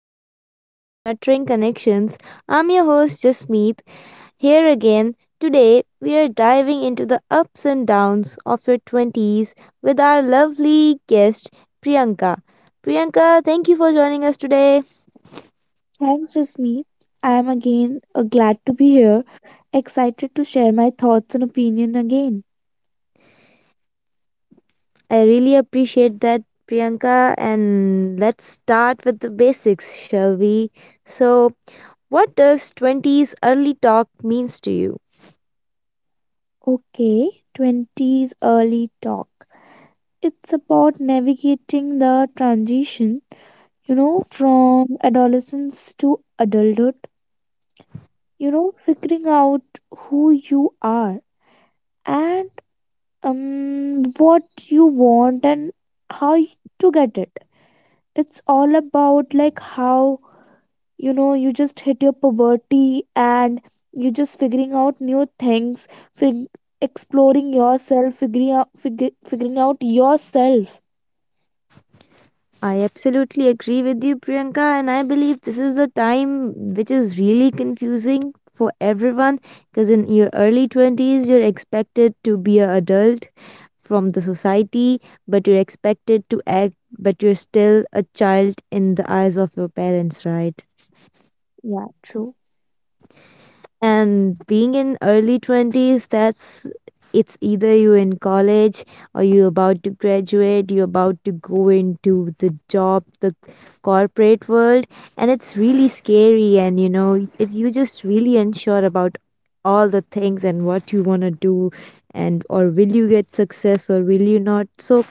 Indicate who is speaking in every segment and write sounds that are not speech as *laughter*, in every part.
Speaker 1: another episode of Nurturing Connections. I'm your host Jasmeet, here again. Today, we are diving into the ups and downs of your 20s with our lovely guest Priyanka. Priyanka, thank you for joining us today.
Speaker 2: Thanks, Jasmeet. I am again glad to be here, excited to share my thoughts and opinion again.
Speaker 1: I really appreciate that, Priyanka, and let's start with the basics, shall we? So, what does 20s early talk means to you?
Speaker 2: Okay, 20s early talk. It's about navigating the transition, you know, from adolescence to adulthood, you know, figuring out who you are and what you want and how y- to get it. It's all about like how you know you just hit your puberty and you just figuring out new things fig- exploring yourself figuring out yourself.
Speaker 1: I absolutely agree with you, Priyanka, and I believe this is a time which is really confusing for everyone because in your early 20s, you're expected to be an adult from the society, but you're expected to act, but you're still a child in the eyes of your parents, right?
Speaker 2: Yeah, true.
Speaker 1: And being in early 20s, that's it's either you're in college or you're about to graduate, you're about to go into the job, the corporate world, and it's really scary. And you know, it's you just really unsure about all the things and what you want to do, and or will you get success or will you not. So,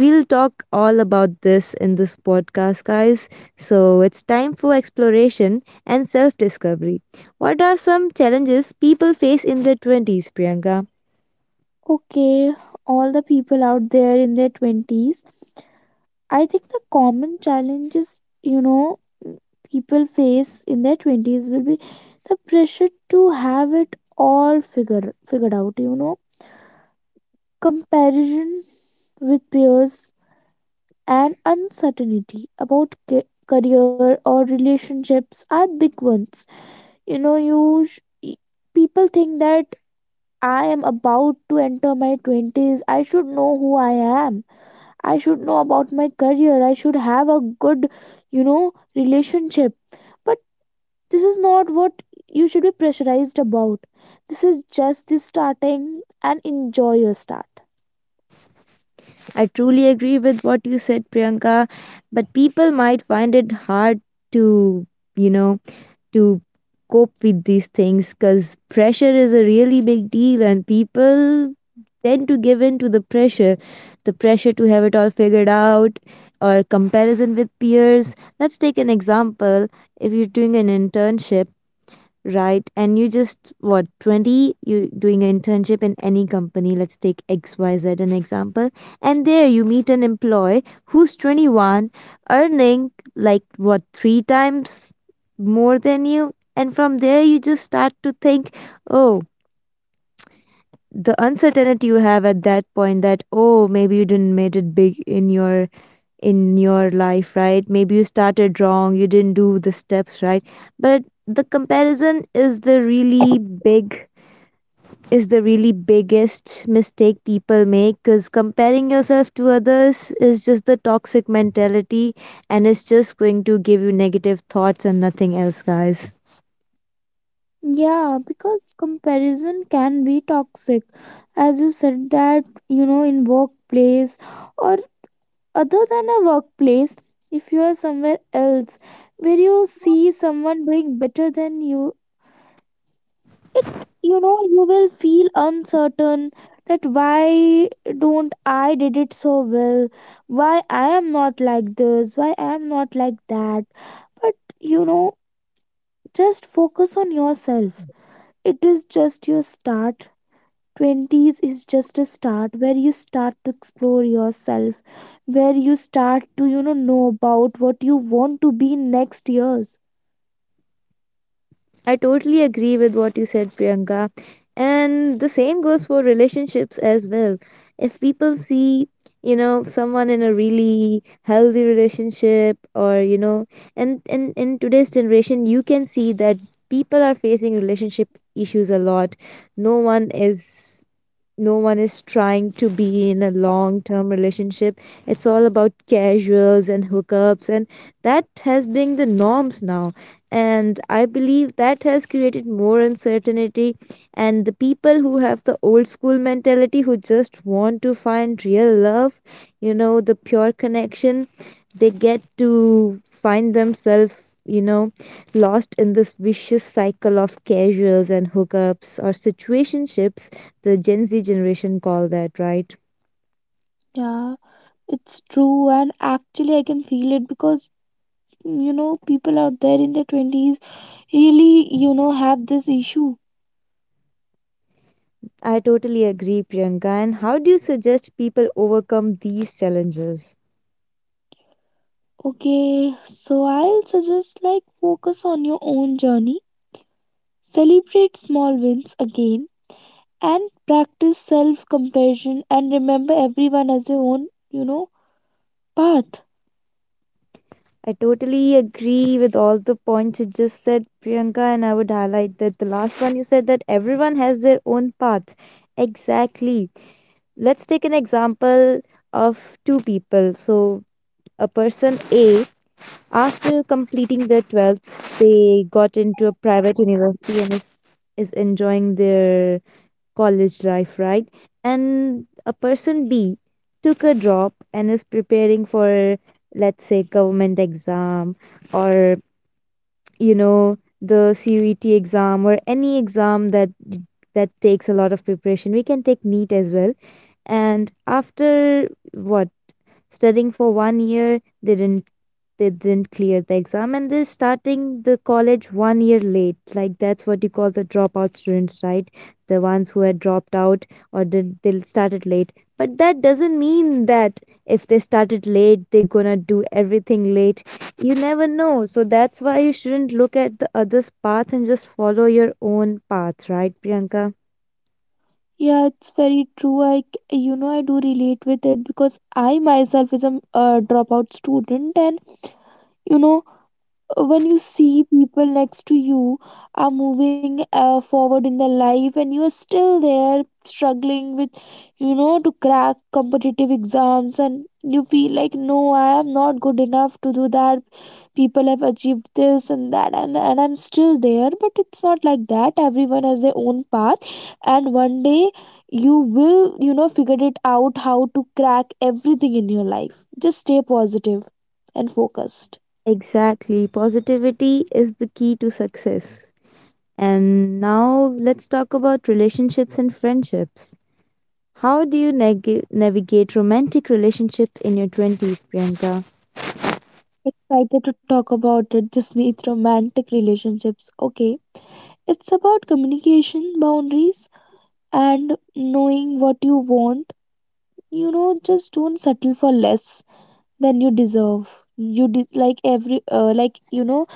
Speaker 1: we'll talk all about this in this podcast, guys. So, it's time for exploration and self discovery. What are some challenges people face in their 20s, Priyanka?
Speaker 2: Okay, all the people out there in their 20s, I think the common challenges, you know, people face in their 20s will be the pressure to have it all figured out, you know, comparison with peers, and uncertainty about career or relationships are big ones. You know, people think that I am about to enter my 20s, I should know who I am, I should know about my career, I should have a good, you know, relationship. But this is not what you should be pressurized about. This is just the starting, and enjoy your start.
Speaker 1: I truly agree with what you said, Priyanka, but people might find it hard to, you know, to cope with these things because pressure is a really big deal and people tend to give in to the pressure, the pressure to have it all figured out or comparison with peers. Let's take an example: if you're doing an internship, right? And you just what, 20, you're doing an internship in any company. Let's take XYZ an example. And there you meet an employee who's 21, earning like what, three times more than you. And from there you just start to think, oh, the uncertainty you have at that point, that oh maybe you didn't made it big in your life, right? Maybe you started wrong, you didn't do the steps right. But the comparison is the really big, is the really biggest mistake people make, because comparing yourself to others is just the toxic mentality and it's just going to give you negative thoughts and nothing else, guys.
Speaker 2: Yeah, because comparison can be toxic. As you said that, you know, in workplace or other than a workplace, if you are somewhere else where you see someone doing better than you, it, you know, you will feel uncertain that why don't I did it so well? Why I am not like this? Why I am not like that? But you know, just focus on yourself. It is just your start. 20s is just a start where you start to explore yourself, where you start to, you know about what you want to be next years.
Speaker 1: I totally agree with what you said, Priyanka. And the same goes for relationships as well. If people see, you know, someone in a really healthy relationship or, and in today's generation, you can see that people are facing relationship issues a lot. No one is no one is trying to be in a long term relationship. It's all about casuals and hookups, and that has been the norms now. And I believe that has created more uncertainty. And the people who have the old school mentality, who just want to find real love, you know, the pure connection, they get to find themselves, you know, lost in this vicious cycle of casuals and hookups or situationships, the Gen Z generation call that, right?
Speaker 2: Yeah, it's true, and actually, I can feel it because you know, people out there in their 20s really, you know, have this issue.
Speaker 1: I totally agree, Priyanka. And how do you suggest people overcome these challenges?
Speaker 2: Okay, so I'll suggest like focus on your own journey, celebrate small wins again, and practice self compassion. And remember, everyone has their own, you know, path.
Speaker 1: I totally agree with all the points you just said, Priyanka, and I would highlight that the last one you said, that everyone has their own path. Exactly. Let's take an example of two people. So, a person A, after completing their 12th, they got into a private university and is enjoying their college life, right? And a person B took a job and is preparing for, let's say, government exam or, you know, the CUET exam or any exam that that takes a lot of preparation. We can take NEET as well. And after what, studying for 1 year, they didn't, they didn't clear the exam and they're starting the college 1 year late, like that's what you call the dropout students, right? The ones who had dropped out or did they started late. But that doesn't mean that if they started late they're gonna do everything late. You never know, so that's why you shouldn't look at the other's path and just follow your own path, right, Priyanka?
Speaker 2: Yeah, it's very true. You know, I do relate with it because I myself is a dropout student, and you know, when you see people next to you are moving forward in their life and you are still there struggling with, you know, to crack competitive exams, and you feel like no, I am not good enough to do that. People have achieved this and that, and I'm still there. But it's not like that. Everyone has their own path, and one day you will, you know, figure it out how to crack everything in your life. Just stay positive and focused.
Speaker 1: Exactly, positivity is the key to success. And now let's talk about relationships and friendships. How do you navigate romantic relationships in your 20s, Priyanka?
Speaker 2: Excited to talk about it. This means romantic relationships. Okay. It's about communication, boundaries, and knowing what you want. You know, just don't settle for less than you deserve. Like every like you know.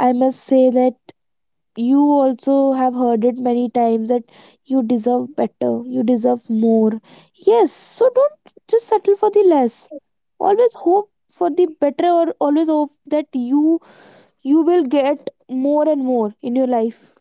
Speaker 2: I must say that you also have heard it many times that you deserve better. You deserve more. Yes. So don't just settle for the less. Always hope for the better, or always hope that you will get more and more in your life.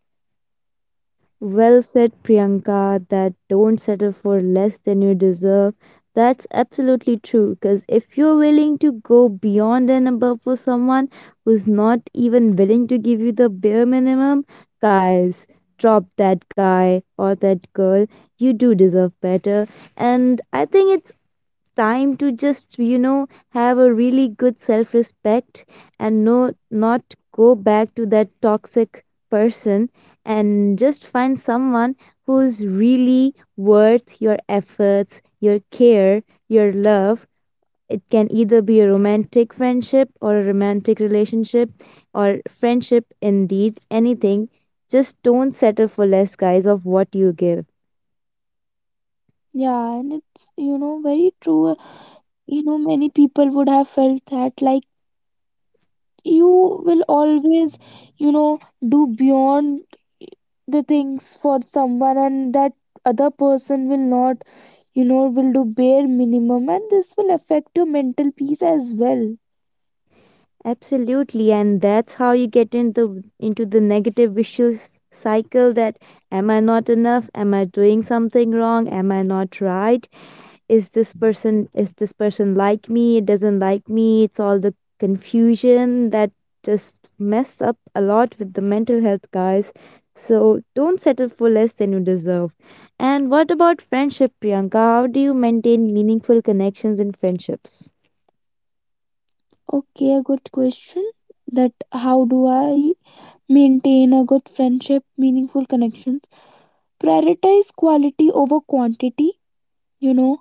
Speaker 1: Well said, Priyanka, that don't settle for less than you deserve. That's absolutely true, because if you're willing to go beyond and above for someone who's not even willing to give you the bare minimum, guys, drop that guy or that girl. You do deserve better. And I think it's time to just you know have a really good self respect and no, not go back to that toxic person and just find someone who's really worth your efforts, your care, your love. It can either be a romantic friendship or a romantic relationship or friendship, indeed anything. Just don't settle for less, guys, of what you give.
Speaker 2: Yeah, and it's, you know, very true. You know, many people would have felt that, like, you will always, you know, do beyond the things for someone, and that other person will not, you know, will do bare minimum, and this will affect your mental peace as well.
Speaker 1: Absolutely, and that's how you get into the negative vicious cycle that am I not enough? Am I doing something wrong? Am I not right? Is this person, like me? It doesn't like me. It's all the confusion that just mess up a lot with the mental health, guys. So don't settle for less than you deserve. And what about friendship, Priyanka? How do you maintain meaningful connections in friendships?
Speaker 2: Okay, a good question, that how do I maintain a good friendship, meaningful connections. Prioritize quality over quantity, you know.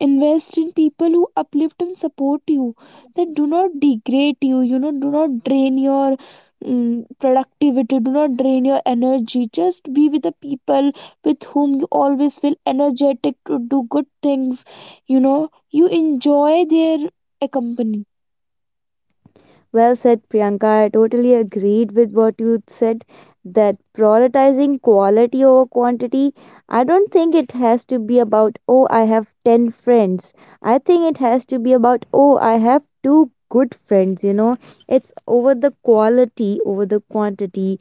Speaker 2: Invest in people who uplift and support you, that do not degrade you, you know, do not drain your productivity, do not drain your energy. Just be with the people with whom you always feel energetic to do good things, you know. You enjoy their company.
Speaker 1: Well said, Priyanka. I totally agreed with what you said, that prioritizing quality over quantity, I don't think it has to be about, oh, I have 10 friends. I think it has to be about, oh, I have two good friends. You know, it's over the quality, over the quantity.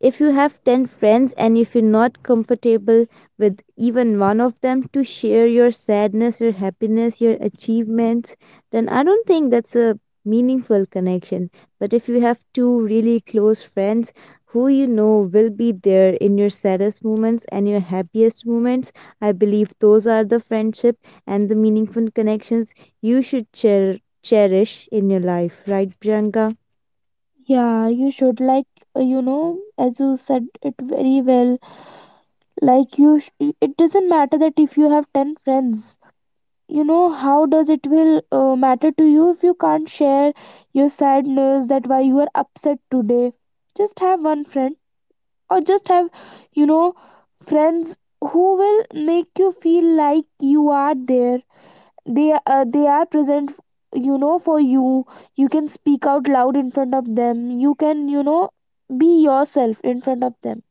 Speaker 1: If you have 10 friends and if you're not comfortable with even one of them to share your sadness, your happiness, your achievements, then I don't think that's a meaningful connection. But if you have two really close friends who you know will be there in your saddest moments and your happiest moments, I believe those are the friendship and the meaningful connections you should cherish in your life, right, Priyanka?
Speaker 2: Yeah, you should like, you know, as you said it very well, like you sh- it doesn't matter that if you have 10 friends. You know, how does it will matter to you if you can't share your sadness, that why you are upset today. Just have one friend, or just have, you know, friends who will make you feel like you are there, they are present, you know, for you. You can speak out loud in front of them, you can, you know, be yourself in front of them.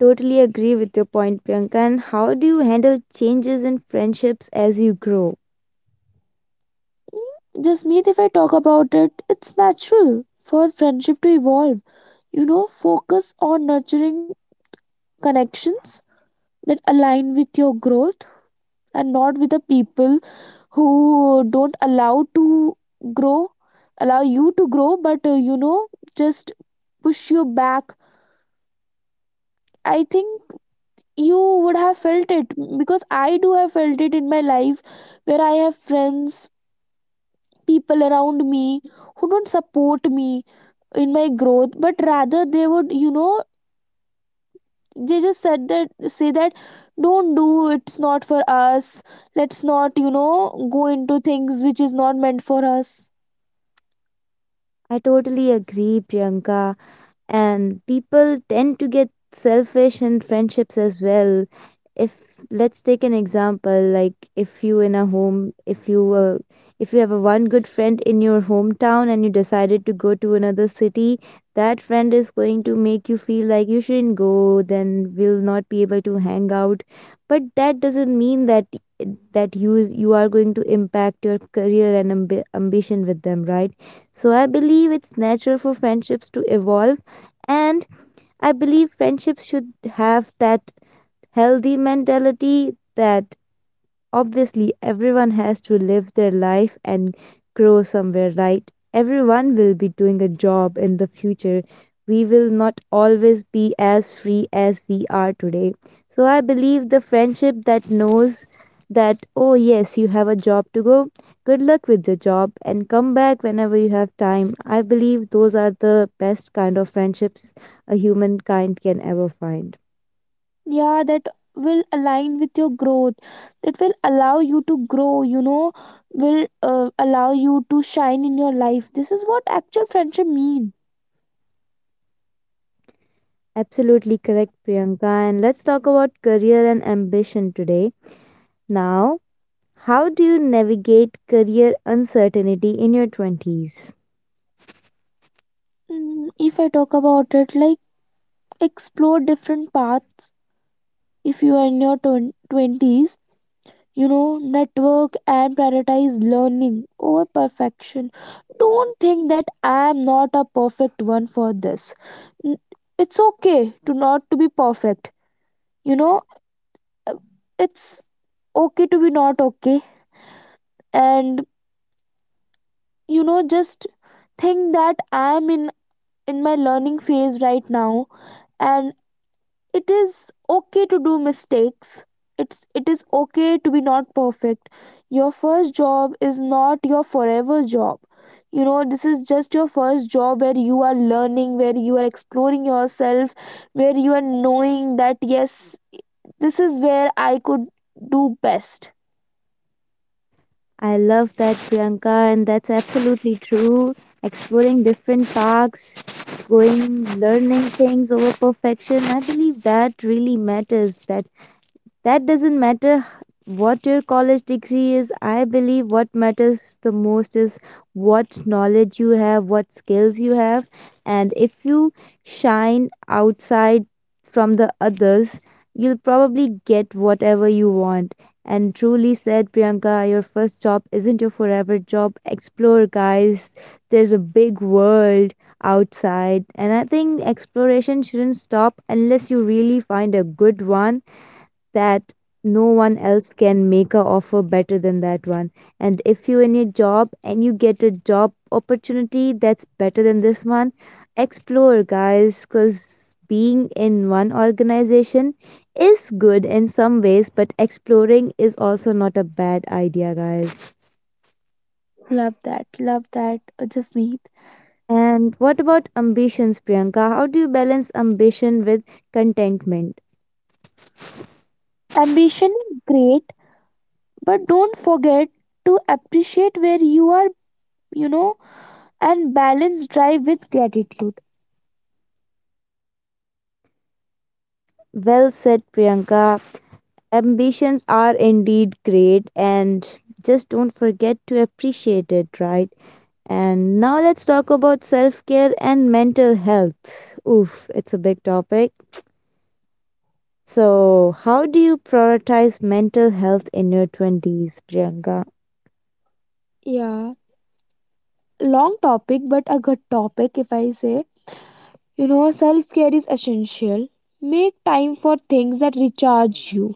Speaker 1: Totally agree with your point, Priyanka. And how do you handle changes in friendships as you grow?
Speaker 2: Jasmeet, if I talk about it, it's natural for friendship to evolve. You know, focus on nurturing connections that align with your growth, and not with the people who don't allow to grow, allow you to grow, but you know, just push you back. I think you would have felt it, because I do have felt it in my life where I have friends, people around me who don't support me in my growth, but rather they would, you know, they just said that say that don't do, it's not for us, let's not, you know, go into things which is not meant for us.
Speaker 1: I totally agree, Priyanka. And people tend to get selfish in friendships as well. If let's take an example, like if you in a home, if you have a one good friend in your hometown and you decided to go to another city, that friend is going to make you feel like you shouldn't go, then we'll not be able to hang out. But that doesn't mean that you are going to impact your career and ambition with them, right? So I believe it's natural for friendships to evolve. And I believe friendships should have that healthy mentality that obviously, everyone has to live their life and grow somewhere, right? Everyone will be doing a job in the future. We will not always be as free as we are today. So, I believe the friendship that knows that, oh, yes, you have a job to go, good luck with your job, and come back whenever you have time. I believe those are the best kind of friendships a humankind can ever find.
Speaker 2: Yeah, that will align with your growth, that will allow you to grow, you know, will allow you to shine in your life. This is what actual friendship mean.
Speaker 1: Absolutely correct, Priyanka. And let's talk about career and ambition today. Now, how do you navigate career uncertainty in your 20s?
Speaker 2: If I talk about it, like, explore different paths. If you are in your 20s, you know, network and prioritize learning over perfection. Don't think that I am not a perfect one for this. N- it's okay to not to be perfect, you know. Uh, it's okay to be not okay. And you know, just think that I am in my learning phase right now, and it is okay to do mistakes. It is okay to be not perfect. Your first job is not your forever job. You know, this is just your first job where you are learning, where you are exploring yourself, where you are knowing that yes, this is where I could do best.
Speaker 1: I love that, Priyanka, and that's absolutely true. Exploring different paths, going, learning things over perfection, I believe that really matters. That doesn't matter what your college degree is. I believe what matters the most is what knowledge you have, what skills you have, and if you shine outside from the others, you'll probably get whatever you want. And truly said, Priyanka, your first job isn't your forever job. Explore, guys. There's a big world outside. And I think exploration shouldn't stop unless you really find a good one that no one else can make a offer better than that one. And if you in your job and you get a job opportunity that's better than this one, explore, guys, because being in one organization is good in some ways but exploring is also not a bad idea, guys.
Speaker 2: Love that, love that, just me
Speaker 1: And what about ambitions, Priyanka? How do you balance ambition with contentment?
Speaker 2: ambition is great, but don't forget to appreciate where you are, you know, and balance drive with gratitude.
Speaker 1: Well said, Priyanka. Ambitions are indeed great, and just don't forget to appreciate it, right? And now let's talk about self care and mental health. Oof, it's a big topic. So, how do you prioritize mental health in your 20s, Priyanka?
Speaker 2: Yeah, long topic, but a good topic if I say. You know, self care is essential. Make time for things that recharge you,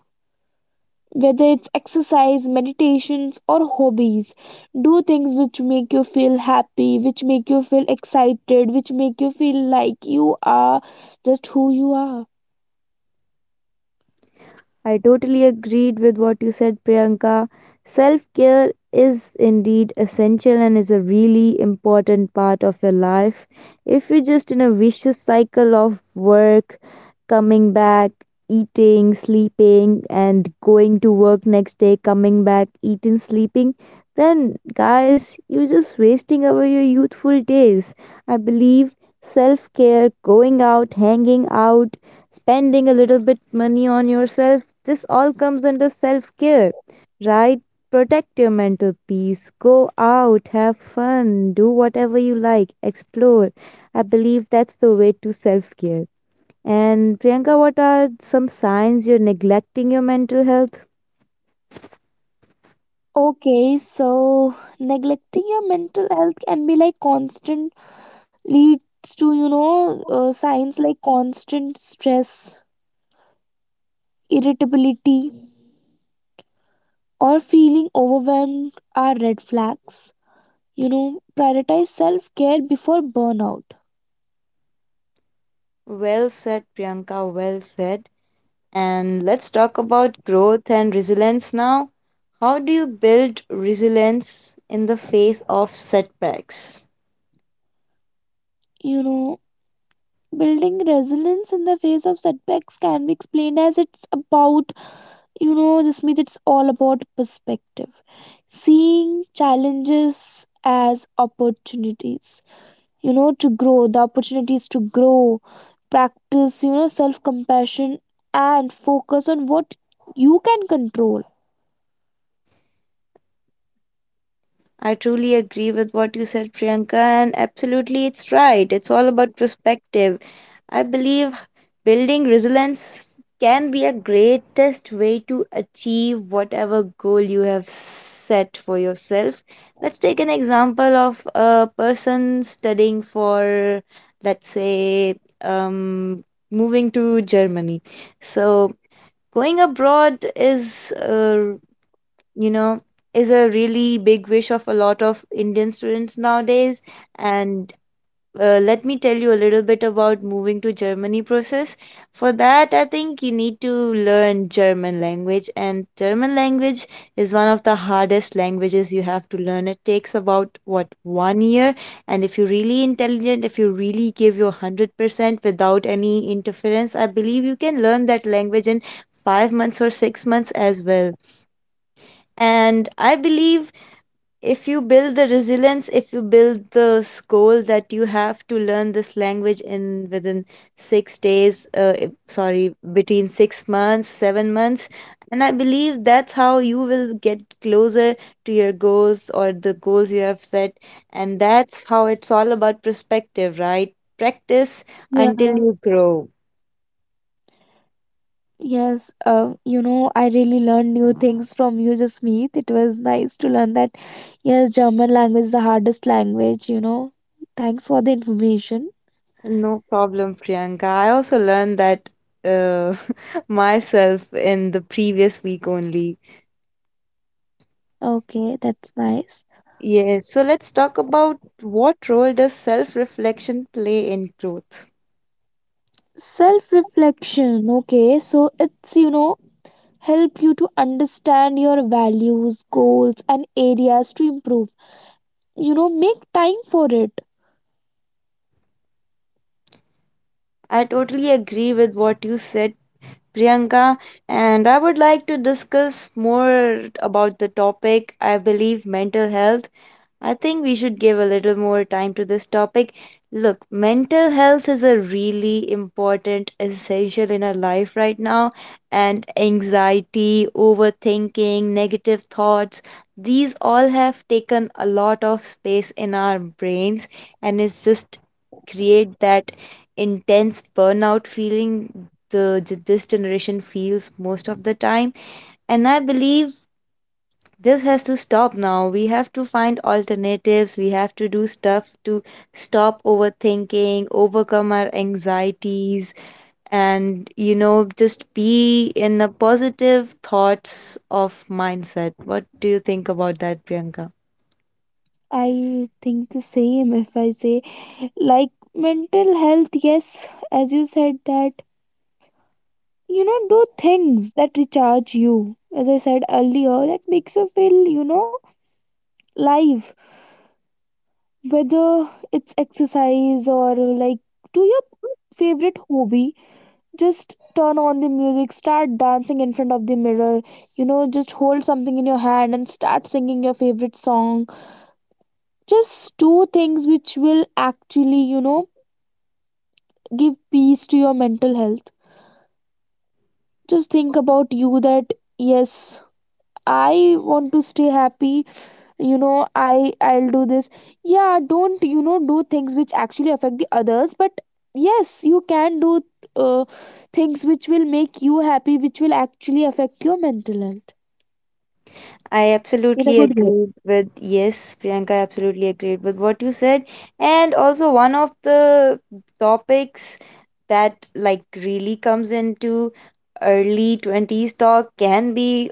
Speaker 2: whether it's exercise, meditations, or hobbies. Do things which make you feel happy, which make you feel excited, which make you feel like you are just who you are.
Speaker 1: I totally agreed with what you said, Priyanka. Self care is indeed essential and is a really important part of your life. If you're just in a vicious cycle of work, coming back, eating, sleeping, and going to work next day, coming back, eating, sleeping, then guys, you're just wasting away your youthful days. I believe self care, going out, hanging out, spending a little bit money on yourself, this all comes under self care, right? Protect your mental peace, go out, have fun, do whatever you like, explore. I believe that's the way to self care. And Priyanka, what are some signs you're neglecting your mental health?
Speaker 2: Okay, so neglecting your mental health can be like leads you know, signs like constant stress, irritability, or feeling overwhelmed are red flags. You know, prioritize self care before burnout.
Speaker 1: Well said, Priyanka, well said. And let's talk about growth and resilience now. How do you build resilience in the face of setbacks?
Speaker 2: You know, building resilience in the face of setbacks can be explained as it's about, you know, this means it's all about perspective. Seeing challenges as opportunities, you know, to grow, the opportunities to grow, practice, you know, self compassion, and focus on what you can control.
Speaker 1: I truly agree with what you said, Priyanka, and absolutely it's right. It's all about perspective. I believe building resilience can be a greatest way to achieve whatever goal you have set for yourself. Let's take an example of a person studying for, let's say, um, moving to Germany. So going abroad is you know, is a really big wish of a lot of Indian students nowadays. And let me tell you a little bit about moving to Germany process. For that, I think you need to learn German language, and German language is one of the hardest languages you have to learn. It takes about what 1 year, and if you're really intelligent, if you really give your 100% without any interference, I believe you can learn that language in 5 months or 6 months as well. And I believe if you build the resilience, if you build this goal that you have to learn this language in within 6 days, sorry, between 6 months, 7 months, and I believe that's how you will get closer to your goals or the goals you have set. And that's how it's all about perspective, right? Practice until
Speaker 2: Yeah.
Speaker 1: you grow.
Speaker 2: Yes, you know, I really learned new things from you, Jasmeet. It was nice to learn that, yes, German language is the hardest language, you know. Thanks for the information.
Speaker 1: No problem, Priyanka. I also learned that uh, *laughs* myself in the previous week only.
Speaker 2: Okay, that's nice.
Speaker 1: Yes, so let's talk about what role does self reflection play in growth.
Speaker 2: Self reflection. Okay, so it's, you know, help you to understand your values, goals, and areas to improve. You know, make time for it.
Speaker 1: I totally agree with what you said, Priyanka, and I would like to discuss more about the topic. I believe mental health. I think we should give a little more time to this topic. Look, mental health is a really important, essential in our life right now, and anxiety, overthinking, negative thoughts, these all have taken a lot of space in our brains, and it's just create that intense burnout feeling this generation feels most of the time. And I believe this has to stop now. We have to find alternatives, we have to do stuff to stop overthinking, overcome our anxieties, and, you know, just be in a positive thoughts of mindset. What do you think about that, Priyanka?
Speaker 2: I think the same if I say, like, mental health, yes, as you said that. You know, do things that recharge you, as I said earlier, that makes you feel, you know, live, whether it's exercise, or like do your favorite hobby. Just turn on the music, start dancing in front of the mirror. You know, just hold something in your hand and start singing your favorite song. Just do things which will actually, you know, give peace to your mental health. Just think about you, that yes, I want to stay happy. You know, I'll do this. Yeah, don't, you know, do things which actually affect the others, but yes, you can do, uh, things which will make you happy, which will actually affect your mental health
Speaker 1: I
Speaker 2: in a
Speaker 1: absolutely
Speaker 2: good way.
Speaker 1: agreed with yes, Priyanka. I absolutely agreed with what you said, and also one of the topics that like really comes into early twenties talk can be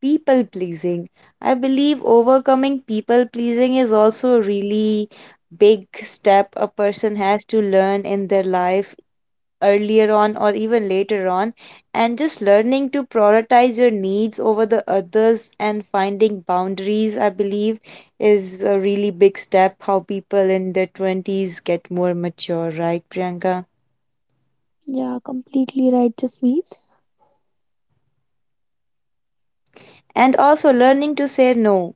Speaker 1: people pleasing. I believe overcoming people pleasing is also a really big step a person has to learn in their life, earlier on or even later on, and just learning to prioritize your needs over the others and finding boundaries, I believe, is a really big step how people in their 20s get more mature, right Priyanka?
Speaker 2: Yeah, completely right, Jasmeet.
Speaker 1: And also learning to say no.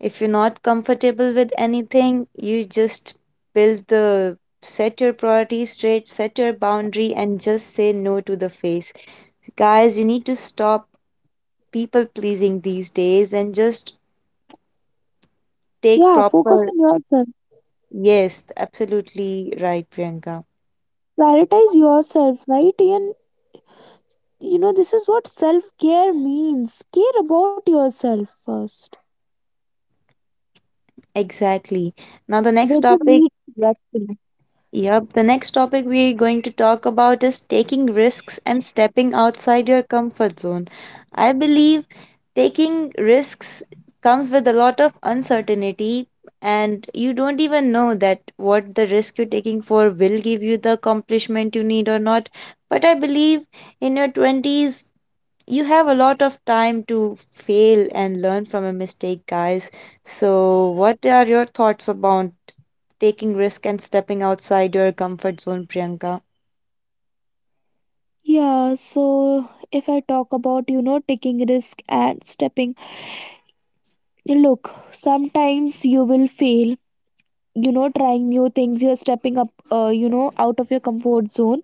Speaker 1: If you're not comfortable with anything, you just build the set your priorities straight, set your boundary and just say no to the face. Guys, you need to stop people pleasing these days and just take
Speaker 2: Yeah, focus
Speaker 1: proper.
Speaker 2: on yourself.
Speaker 1: Yes, absolutely, right Priyanka.
Speaker 2: Prioritize yourself, right? And you know, this is what self care means: care about yourself first.
Speaker 1: Exactly. Now the next
Speaker 2: With the
Speaker 1: topic.
Speaker 2: need to rest.
Speaker 1: Yep, the next topic we're going to talk about is taking risks and stepping outside your comfort zone. I believe taking risks comes with a lot of uncertainty, and you don't even know that what the risk you're taking for will give you the accomplishment you need or not. But I believe in your 20s you have a lot of time to fail and learn from a mistake, guys. So, what are your thoughts about taking risk and stepping outside your comfort zone, Priyanka?
Speaker 2: Yeah, so if I talk about, you know, taking risk and stepping, look, sometimes you will fail, you know, trying new things, you're stepping up, you know, out of your comfort zone.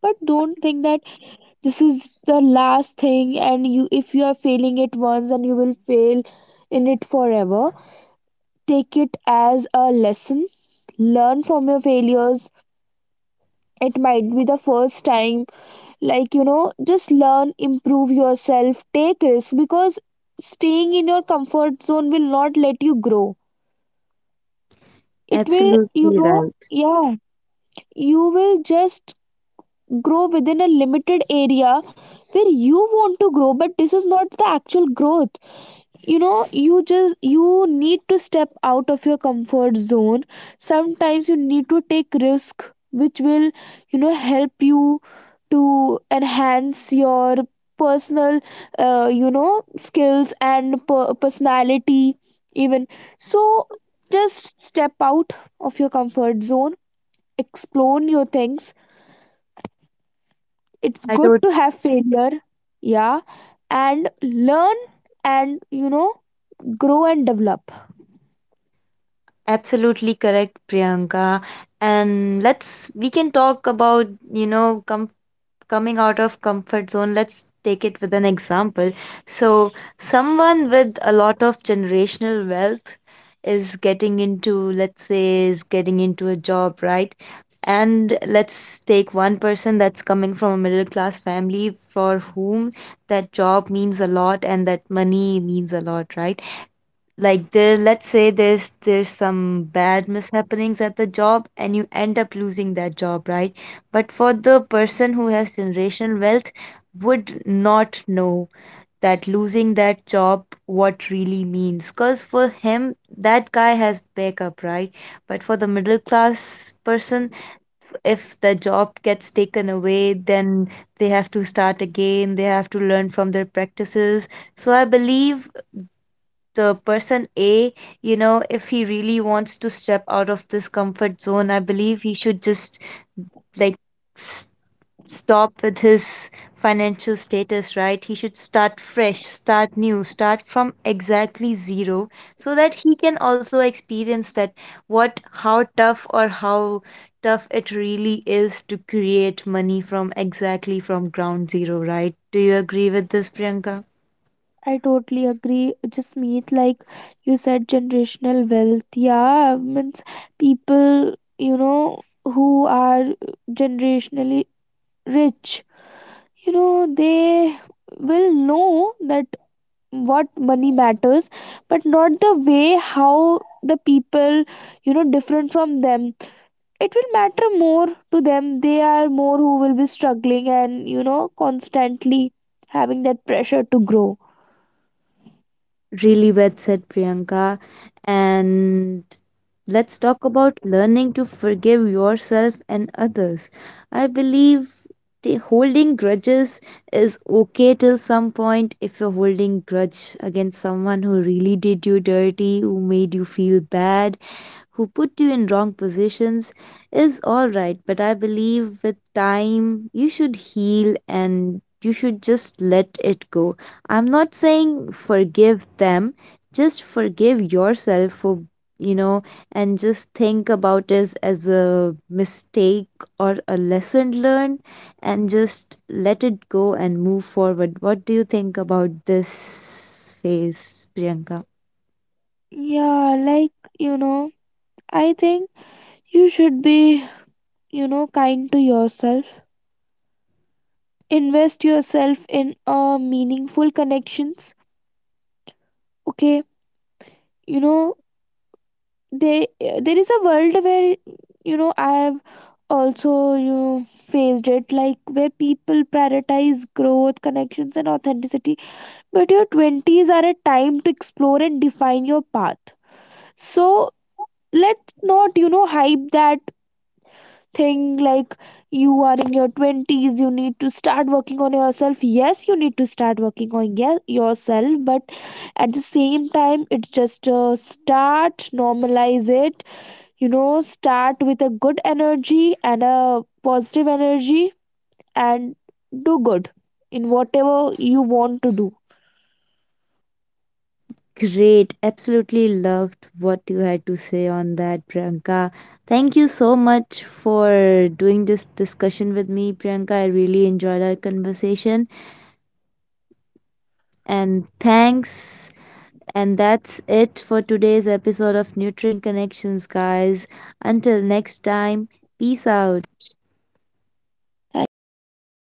Speaker 2: But don't think that this is the last thing, and you, if you are failing it once, and you will fail in it forever. Take it as a lesson, learn from your failures. It might be the first time, like, you know, just learn, improve yourself, take risks, because staying in your comfort zone will not let you grow. It will,
Speaker 1: Absolutely
Speaker 2: you know,
Speaker 1: right.
Speaker 2: yeah, you will just grow within a limited area where you want to grow, but this is not the actual growth. You know, you need to step out of your comfort zone. Sometimes you need to take risk which will, you know, help you to enhance your personal, you know, skills and personality even. So just step out of your comfort zone, explore new things. It's
Speaker 1: I
Speaker 2: good
Speaker 1: told
Speaker 2: to have failure, yeah, and learn, and you know, grow and develop.
Speaker 1: absolutely correct, Priyanka. And let's we can talk about, you know, comfort, coming out of comfort zone. Let's take it with an example. So someone with a lot of generational wealth is getting into, let's say, is getting into a job, right? And let's take one person that's coming from a middle class family for whom that job means a lot and that money means a lot, right? Like there, let's say there's some bad mishappenings at the job and you end up losing that job, right? But for the person who has generational wealth would not know that losing that job what really means, because for him, that guy has backup, right? But for the middle class person, if the job gets taken away, then they have to start again, they have to learn from their practices. So I believe the person A, you know, if he really wants to step out of this comfort zone, I believe he should just, like, s- stop with his financial status, right? He should start fresh, start new, start from exactly zero, so that he can also experience that what how tough or how tough it really is to create money from exactly from ground zero, right? Do you agree with this, Priyanka?
Speaker 2: I totally agree, Jasmeet. Like you said, generational wealth. Yeah, means people, you know, who are generationally rich, you know, they will know that what money matters, but not the way how the people, you know, different from them. It will matter more to them. They are more who will be struggling and, you know, constantly having that pressure to grow.
Speaker 1: Really well said, Priyanka. And let's talk about learning to forgive yourself and others. I believe holding grudges is okay till some point. If you're holding grudge against someone who really did you dirty, who made you feel bad, who put you in wrong positions, is all right, but I believe with time you should heal and you should just let it go. I'm not saying forgive them, just forgive yourself for, you know, and just think about this as a mistake or a lesson learned and just let it go and move forward. What do you think about this phase, Priyanka?
Speaker 2: Yeah, like, you know, I think you should be, you know, kind to yourself, invest yourself in meaningful connections. Okay, you know, they there is a world where, you know, I've also you faced it, like where people prioritize growth, connections, and authenticity. But your 20s are a time to explore and define your path. So let's not, you know, hype that thing, like, you are in your 20s, you need to start working on yourself. Yes, you need to start working on yourself, but at the same time, it's just a start. Normalize it. You know, start with a good energy and a positive energy, and do good in whatever you want to do.
Speaker 1: Great. Absolutely loved what you had to say on that, Priyanka. Thank you so much for doing this discussion with me, Priyanka. I really enjoyed our conversation. And thanks. And that's it for today's episode of Nurturing Connections, guys. Until next time, peace out.
Speaker 2: Thank you, Jasmeet.